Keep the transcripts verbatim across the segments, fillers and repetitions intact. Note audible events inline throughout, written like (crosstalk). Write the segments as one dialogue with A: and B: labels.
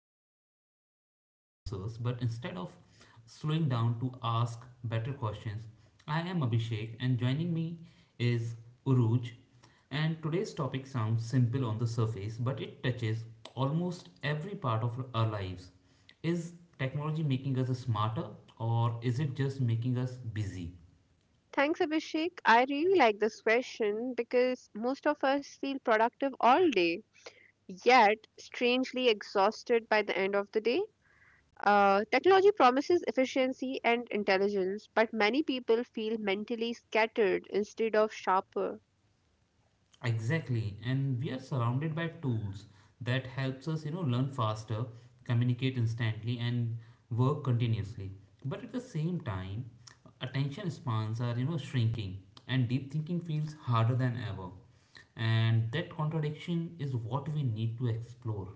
A: po- don't rush to answers, but instead of slowing down to ask better questions, I am Abhishek and joining me is Uruj. And today's topic sounds simple on the surface, but it touches almost every part of our lives. Is technology making us smarter or is it just making us busy?
B: Thanks, Abhishek. I really like this question because most of us feel productive all day, yet strangely exhausted by the end of the day. Uh, technology promises efficiency and intelligence, but many people feel mentally scattered instead of sharper.
A: Exactly, and we are surrounded by tools that helps us, you know, learn faster, communicate instantly, and work continuously. But at the same time, attention spans are, you know, shrinking, and deep thinking feels harder than ever. And that contradiction is what we need to explore.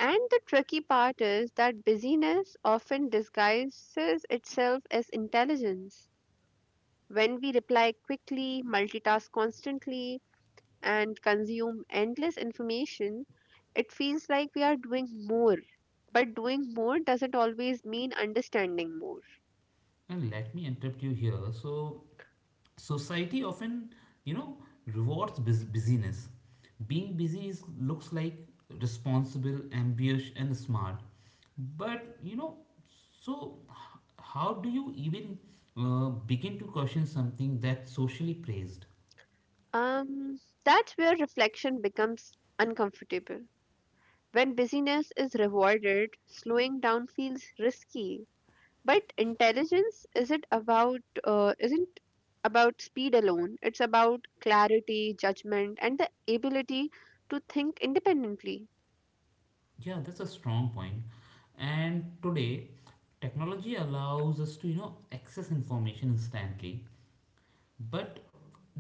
B: And the tricky part is that busyness often disguises itself as intelligence. When we reply quickly, multitask constantly, and consume endless information, it feels like we are doing more. But doing more doesn't always mean understanding more.
A: And let me interrupt you here. So society often you know rewards bus- busyness, being busy is, looks like responsible, ambitious and smart, but you know so h- how do you even uh, begin to question something that's socially praised?
B: Um, that's where reflection becomes uncomfortable. When busyness is rewarded, slowing down feels risky. But intelligence isn't about uh, isn't about speed alone. It's about clarity, judgment, and the ability to think independently.
A: Yeah, that's a strong point point. And today technology allows us to you know access information instantly, but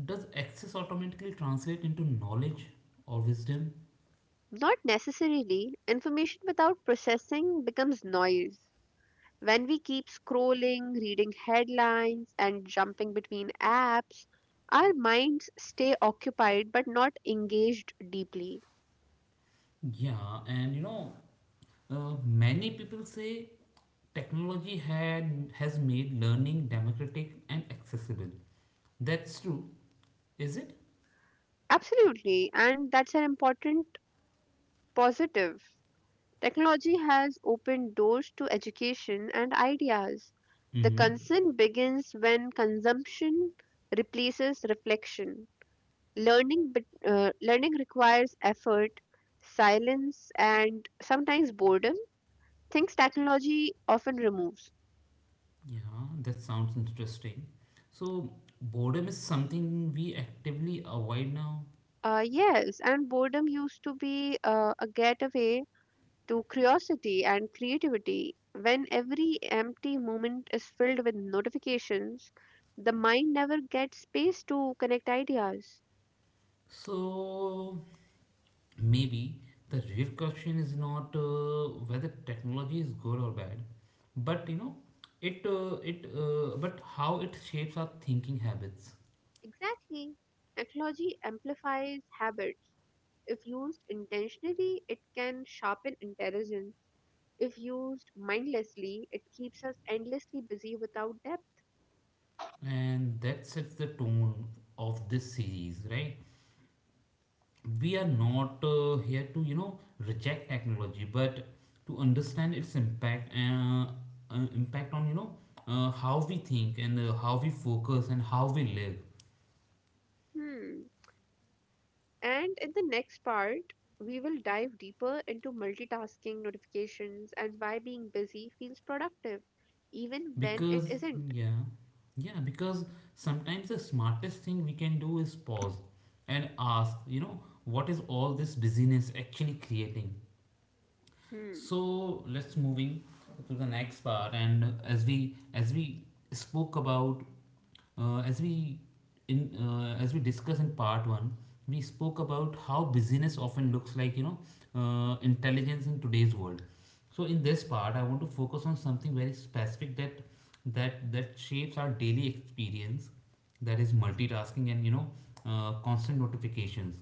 A: does access automatically translate into knowledge or wisdom?
B: Not necessarily. Information without processing becomes noise. When we keep scrolling, reading headlines, and jumping between apps, our minds stay occupied but not engaged deeply.
A: Yeah, and you know, uh, many people say technology had has made learning democratic and accessible. That's true, is it?
B: Absolutely, and that's an important positive. Technology has opened doors to education and ideas. The
A: Mm-hmm.
B: concern begins when consumption replaces reflection. Learning, bet- uh, learning requires effort, silence, and sometimes boredom, things technology often removes.
A: Yeah, that sounds interesting. So boredom is something we actively avoid now.
B: Uh, yes, and boredom used to be uh, a gateway to curiosity and creativity. When every empty moment is filled with notifications, the mind never gets space to connect ideas.
A: So maybe the real question is not uh, whether technology is good or bad, but you know, it uh, it uh, but how it shapes our thinking habits.
B: Exactly. Technology amplifies habits. If used intentionally, it can sharpen intelligence. If used mindlessly, it keeps us endlessly busy without depth.
A: And that sets the tone of this series, right? We are not uh, here to, you know, reject technology, but to understand its impact and uh, uh, impact on, you know, uh, how we think and uh, how we focus and how we live.
B: Hmm. And in the next part, we will dive deeper into multitasking notifications and why being busy feels productive, even when it
A: Because,
B: isn't.
A: yeah, yeah, because sometimes the smartest thing we can do is pause and ask, you know, what is all this busyness actually creating?
B: Hmm.
A: So let's moving to the next part, and as we as we spoke about uh, as we in uh, as we discussed in part one, we spoke about how busyness often looks like you know uh, intelligence in today's world. So in this part I want to focus on something very specific, that that that shapes our daily experience, that is multitasking and you know uh, constant notifications.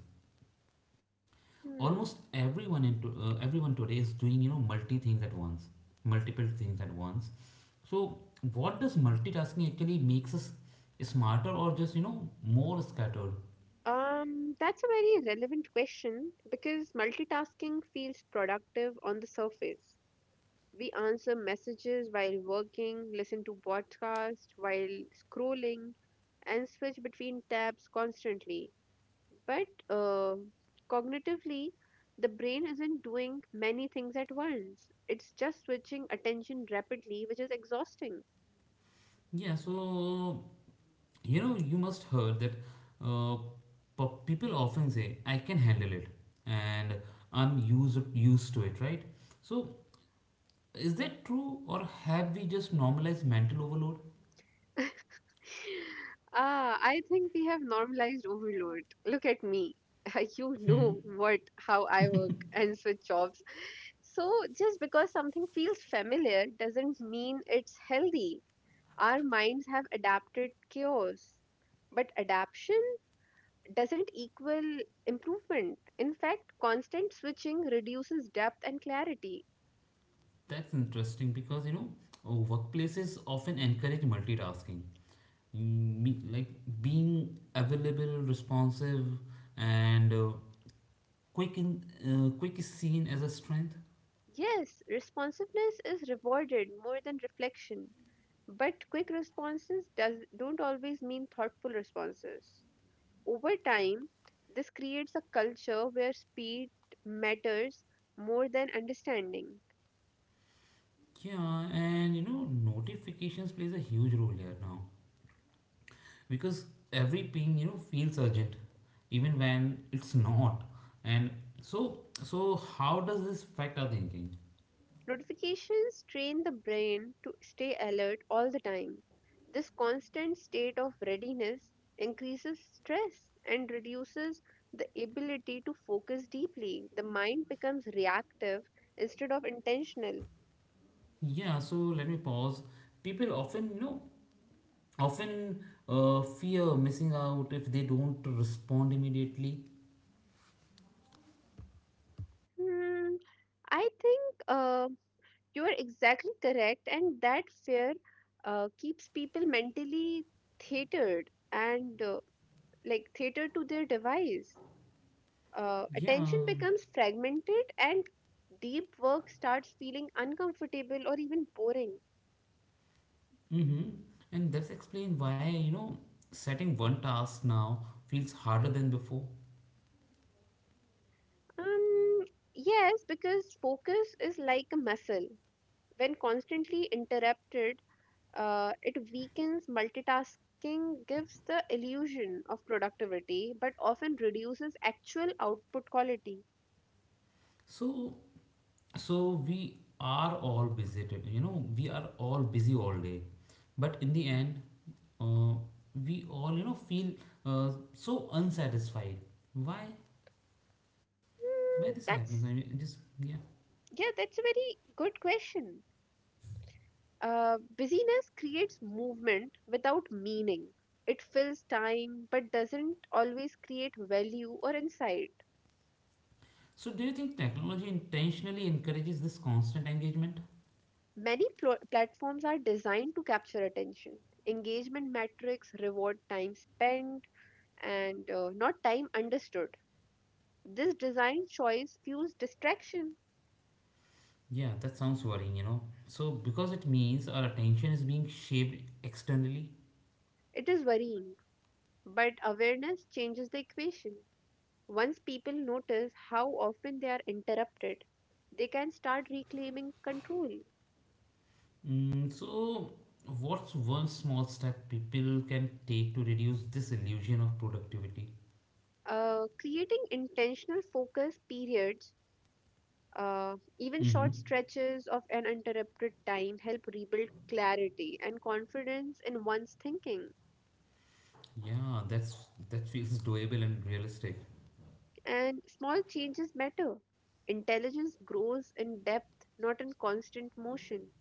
A: Almost
B: Hmm.
A: everyone into uh, Everyone today is doing you know multi things at once, multiple things at once. So what does multitasking actually makes us, smarter or just you know more scattered?
B: Um, that's a very relevant question because multitasking feels productive on the surface. We answer messages while working, listen to podcasts while scrolling, and switch between tabs constantly. But uh, cognitively, the brain isn't doing many things at once. It's just switching attention rapidly, which is exhausting.
A: Yeah, so you know you must heard that uh, pe- people often say I can handle it, and I'm used used to it, right? So is that true, or have we just normalized mental overload?
B: (laughs) Ah, I think we have normalized overload. Look at me. (laughs) You know what, how I work and switch jobs. So just because something feels familiar doesn't mean it's healthy. Our minds have adapted chaos. But adaption doesn't equal improvement. In fact, constant switching reduces depth and clarity.
A: That's interesting because you know uh, workplaces often encourage multitasking, Mm, me- like being available, responsive, and uh, quick. In uh, quick is seen as a strength.
B: Yes, responsiveness is rewarded more than reflection. But quick responses does, don't always mean thoughtful responses. Over time, this creates a culture where speed matters more than understanding.
A: Yeah, and you know notifications plays a huge role here now because every ping you know feels urgent, even when it's not. And so so how does this affect our thinking?
B: Notifications train the brain to stay alert all the time. This constant state of readiness increases stress and reduces the ability to focus deeply. The mind becomes reactive instead of intentional.
A: Yeah, so let me pause. People often you know often uh, fear missing out if they don't respond immediately.
B: Hmm, I think. Uh, You are exactly correct, and that fear uh, keeps people mentally theatered and uh, like theatered to their device. Uh, attention
A: Yeah,
B: becomes fragmented, and deep work starts feeling uncomfortable or even boring.
A: mm-hmm. And that's explain why you know setting one task now feels harder than before.
B: Um, yes, because focus is like a muscle. When constantly interrupted, Uh, it weakens multitasking, gives the illusion of productivity, but often reduces actual output quality.
A: So, so we are all busy. t- You know, we are all busy all day, but in the end, uh, we all you know feel uh, so unsatisfied. Why? Why this
B: Mm,
A: happens? I
B: that's
A: mean, just yeah.
B: Yeah, that's a very good question. Uh, busyness creates movement without meaning. It fills time but doesn't always create value or insight.
A: So, do you think technology intentionally encourages this constant engagement?
B: Many pl- platforms are designed to capture attention. Engagement metrics reward time spent and uh, not time understood. This design choice fuels distraction.
A: Yeah, that sounds worrying, you know. So, because it means our attention is being shaped externally.
B: It is worrying, but awareness changes the equation. Once people notice how often they are interrupted, they can start reclaiming control.
A: Mm, so, what's one small step people can take to reduce this illusion of productivity?
B: Uh, creating intentional focus periods, uh, even
A: Mm-hmm.
B: short stretches of an interrupted time, help rebuild clarity and confidence in one's thinking.
A: Yeah, that's that feels doable and realistic.
B: And small changes matter. Intelligence grows in depth, not in constant motion.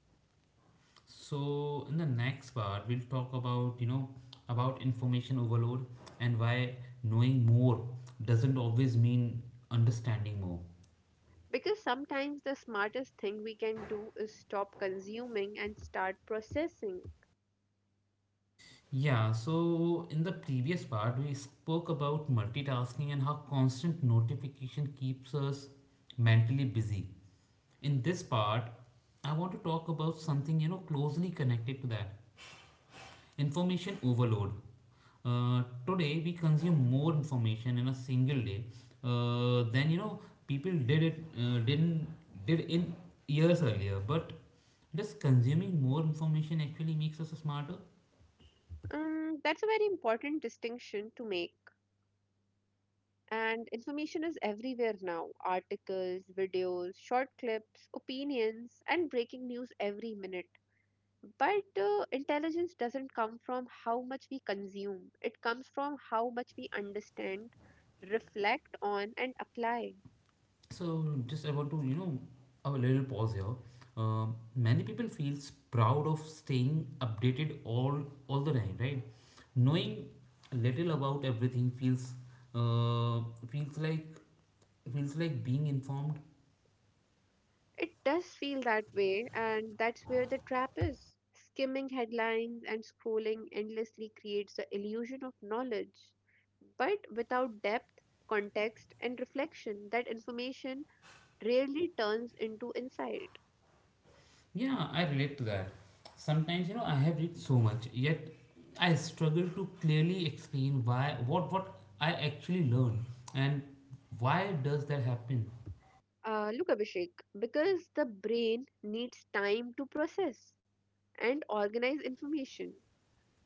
A: So in the next part, we'll talk about you know about information overload and why knowing more doesn't always mean understanding more.
B: Because sometimes the smartest thing we can do is stop consuming and start processing.
A: Yeah, so in the previous part, we spoke about multitasking and how constant notification keeps us mentally busy. In this part, I want to talk about something you know closely connected to that, information overload. Uh, today we consume more information in a single day uh, than you know people did it uh, didn't did in years earlier. But does consuming more information actually makes us smarter?
B: Um, that's a very important distinction to make. And information is everywhere now: articles, videos, short clips, opinions, and breaking news every minute. But uh, intelligence doesn't come from how much we consume, it comes from how much we understand, reflect on, and apply.
A: So just I want to, you know, have a little pause here. Um, many people feels proud of staying updated all all the time, right? Knowing little about everything feels uh, feels like feels like being informed.
B: It does feel that way, and that's where the trap is. Skimming headlines and scrolling endlessly creates the illusion of knowledge. But without depth, context, and reflection, that information rarely turns into insight.
A: Yeah, I relate to that. Sometimes you know I have read so much, yet I struggle to clearly explain why what what I actually learn, and why does that happen.
B: Uh, look, Abhishek, because the brain needs time to process and organize information.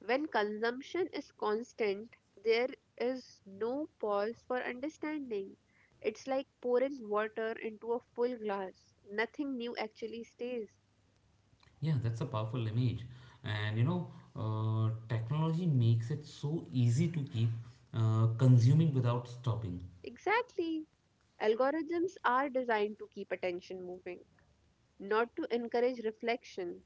B: When consumption is constant, there is no pause for understanding. It's like pouring water into a full glass. Nothing new actually stays.
A: Yeah, that's a powerful image. And you know, uh, technology makes it so easy to keep uh, consuming without stopping.
B: Exactly. Algorithms are designed to keep attention moving, not to encourage reflection.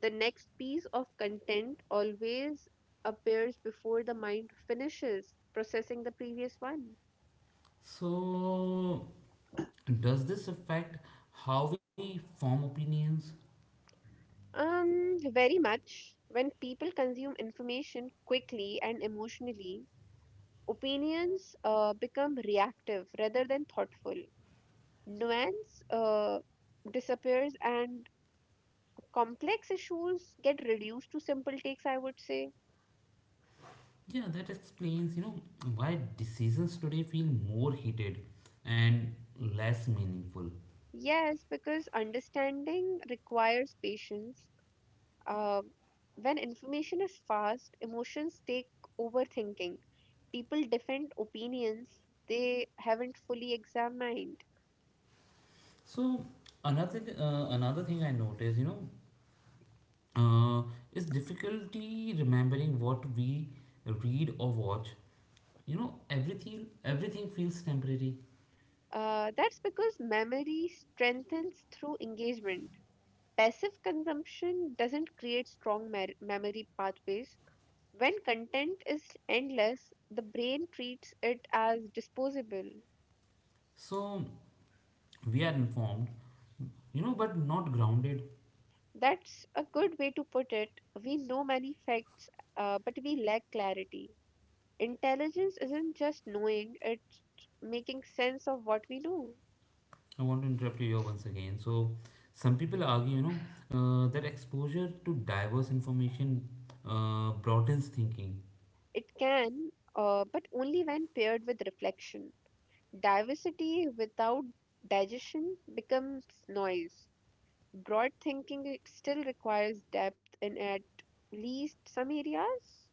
B: The next piece of content always appears before the mind finishes processing the previous one.
A: So, does this affect how we form opinions?
B: Um, very much. When people consume information quickly and emotionally, opinions uh, become reactive rather than thoughtful. Nuance uh, disappears and complex issues get reduced to simple takes, I would say.
A: Yeah, that explains, you know, why decisions today feel more heated and less meaningful.
B: Yes, because understanding requires patience. Uh, when information is fast, emotions take over thinking. People defend opinions they haven't fully examined.
A: So, another th- uh, another thing I noticed, you know, uh, is difficulty remembering what we read or watch. you know everything everything feels temporary.
B: Uh, that's because memory strengthens through engagement. Passive consumption doesn't create strong mer- memory pathways. When content is endless, the brain treats it as disposable.
A: So we are informed, you know but not grounded.
B: That's a good way to put it. We know many facts, uh, but we lack clarity. Intelligence isn't just knowing, it's making sense of what we know.
A: I want to interrupt you here once again. So some people argue, you know uh, that exposure to diverse information uh, broadens thinking.
B: It can, uh, but only when paired with reflection. Diversity without digestion becomes noise. Broad thinking still requires depth in at least some areas.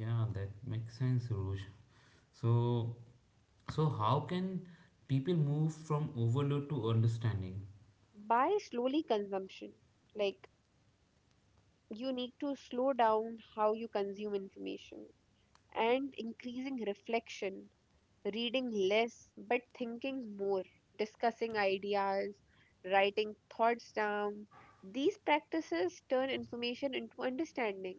A: Yeah, that makes sense, Rouge. so so how can people move from overload to understanding?
B: By slowly consumption, like, you need to slow down how you consume information and increasing reflection, reading less but thinking more, discussing ideas, writing thoughts down. These practices turn information into understanding.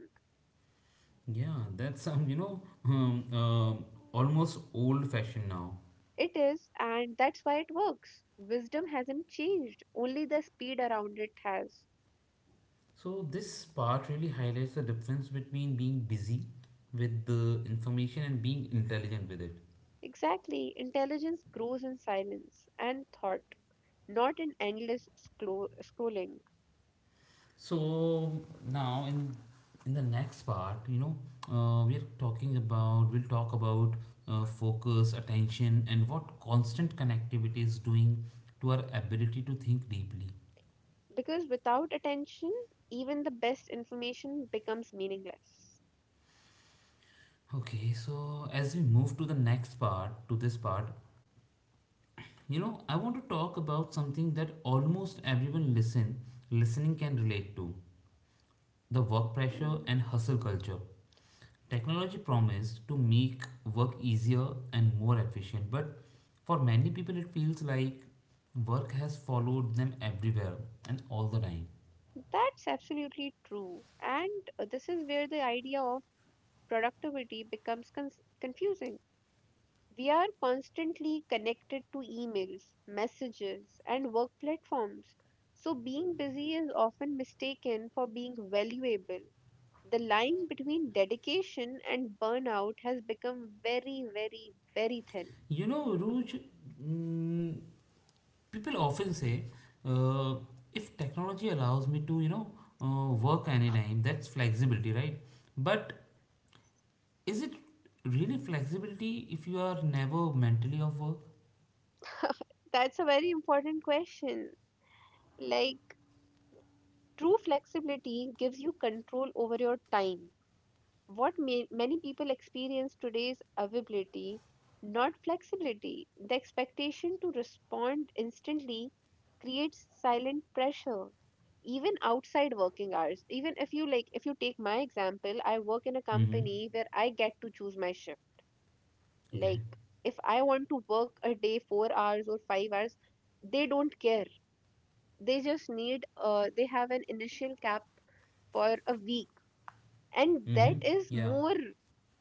A: Yeah, that sounds you know (laughs) um, uh, almost old fashioned now.
B: It is, and that's why it works. Wisdom hasn't changed, only the speed around it has.
A: So this part really highlights the difference between being busy with the information and being intelligent with it.
B: Exactly, intelligence grows in silence and thought, not in endless scro- scrolling.
A: So now in in the next part, you know, uh, we are talking about we'll talk about uh, focus, attention, and what constant connectivity is doing to our ability to think deeply.
B: Because without attention, even the best information becomes meaningless.
A: Okay, so as we move to the next part, to this part, you know, I want to talk about something that almost everyone listen listening can relate to, the work pressure
B: Hmm.
A: and hustle culture. Technology promised to make work easier and more efficient, but for many people, it feels like work has followed them everywhere and all the time.
B: That's absolutely true. And uh, this is where the idea of productivity becomes con- confusing. We are constantly connected to emails, messages, and work platforms. So, being busy is often mistaken for being valuable. The line between dedication and burnout has become very, very, very thin.
A: You know, Ruj, mm, people often say, uh, if technology allows me to, you know, uh, work anytime, that's flexibility, right? But is it really flexibility if you are never mentally off work?
B: That's a very important question. Like, true flexibility gives you control over your time. What ma- many people experience today is availability, not flexibility. The expectation to respond instantly creates silent pressure, even outside working hours. Even if you like, if you take my example, I work in a
A: Mm-hmm.
B: company where I get to choose my shift.
A: Okay.
B: Like, if I want to work a day four hours or five hours, they don't care. They just need, uh, they have an initial cap for a week, and that
A: Mm-hmm.
B: is
A: Yeah.
B: more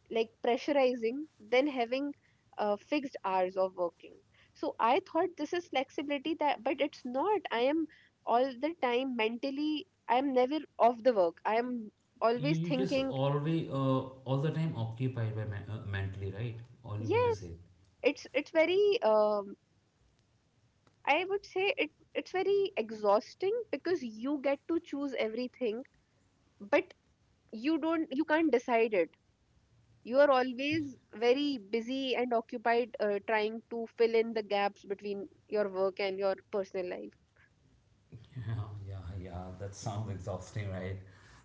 B: like pressurizing than having uh, fixed hours of working. So I thought this is flexibility, that but it's not. I am all the time mentally, I am never off the work, I am
A: You
B: always
A: you just
B: thinking.
A: always uh, all the time occupied by men- uh, mentally, right? All you mean to
B: Yes,
A: say.
B: it's it's very um, I would say it it's very exhausting because you get to choose everything, but you don't, you can't decide it. You are always very busy and occupied, uh, trying to fill in the gaps between your work and your personal life.
A: Yeah, yeah, yeah. That sounds exhausting, right?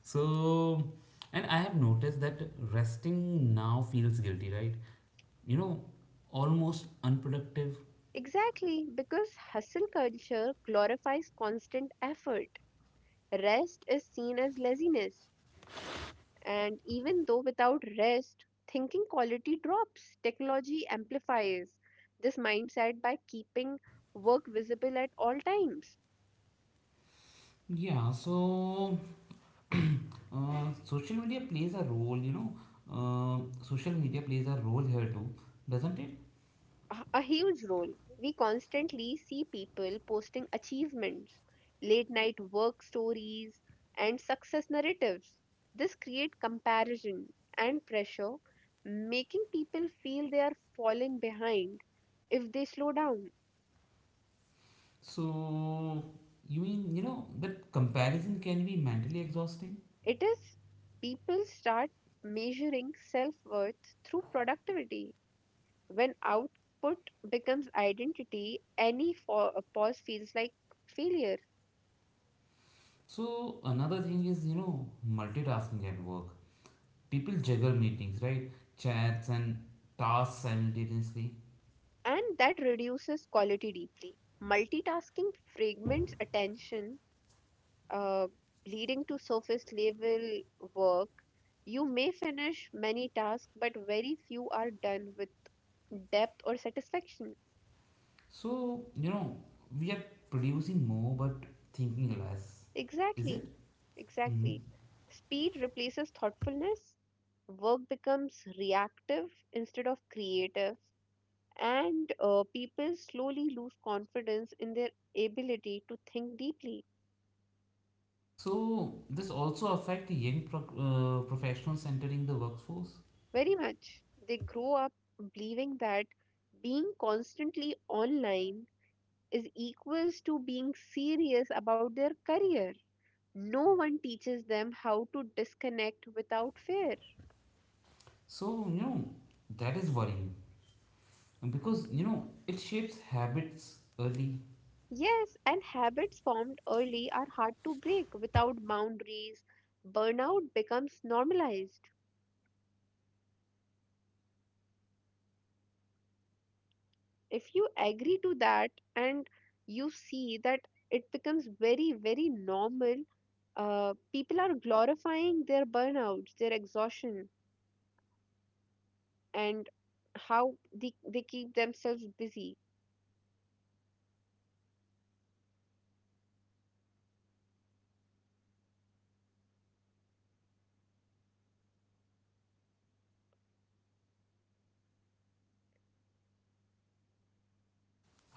A: So, and I have noticed that resting now feels guilty, right? You know, almost unproductive.
B: Exactly, because hustle culture glorifies constant effort. Rest is seen as laziness, and even though without rest, thinking quality drops. Technology amplifies this mindset by keeping work visible at all times.
A: Yeah. So, uh, social media plays a role. You know, uh, social media plays a role here too, doesn't it?
B: a a huge role. We constantly see people posting achievements, late night work stories, and success narratives. This creates comparison and pressure, making people feel they are falling behind if they slow down.
A: So, you mean you know that comparison can be mentally exhausting?
B: It is. People start measuring self worth through productivity. When output becomes identity, any fo- pause feels like failure.
A: So another thing is, you know, multitasking at work. People juggle meetings, right? Chats and tasks simultaneously.
B: And that reduces quality deeply. Multitasking fragments attention, uh, leading to surface level work. You may finish many tasks, but very few are done with depth or satisfaction.
A: So, you know, we are producing more but thinking less. Is it?
B: Exactly,
A: Hmm.
B: exactly. Speed replaces thoughtfulness, work becomes reactive instead of creative, and uh, people slowly lose confidence in their ability to think deeply.
A: So this also affect young pro- uh, professionals entering the workforce.
B: Very much. They grow up believing that being constantly online is equals to being serious about their career. No one teaches them how to disconnect without fear.
A: So, you know, that is worrying because, you know, it shapes habits early.
B: Yes, and habits formed early are hard to break without boundaries. Burnout becomes normalized. If you agree to that and you see that, it becomes very, very normal. Uh, people are glorifying their burnouts, their exhaustion, and how they, they keep themselves busy.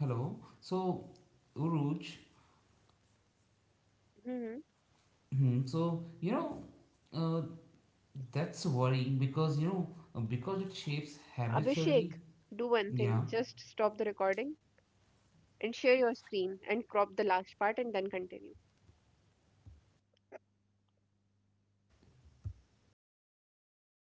A: Hello. So, Uruj,
B: Hmm
A: hmm, so, you know, uh, that's worrying because you know because it shapes habits early.
B: Abhishek, do one thing,
A: Yeah,
B: just stop the recording and share your screen and crop the last part and then continue.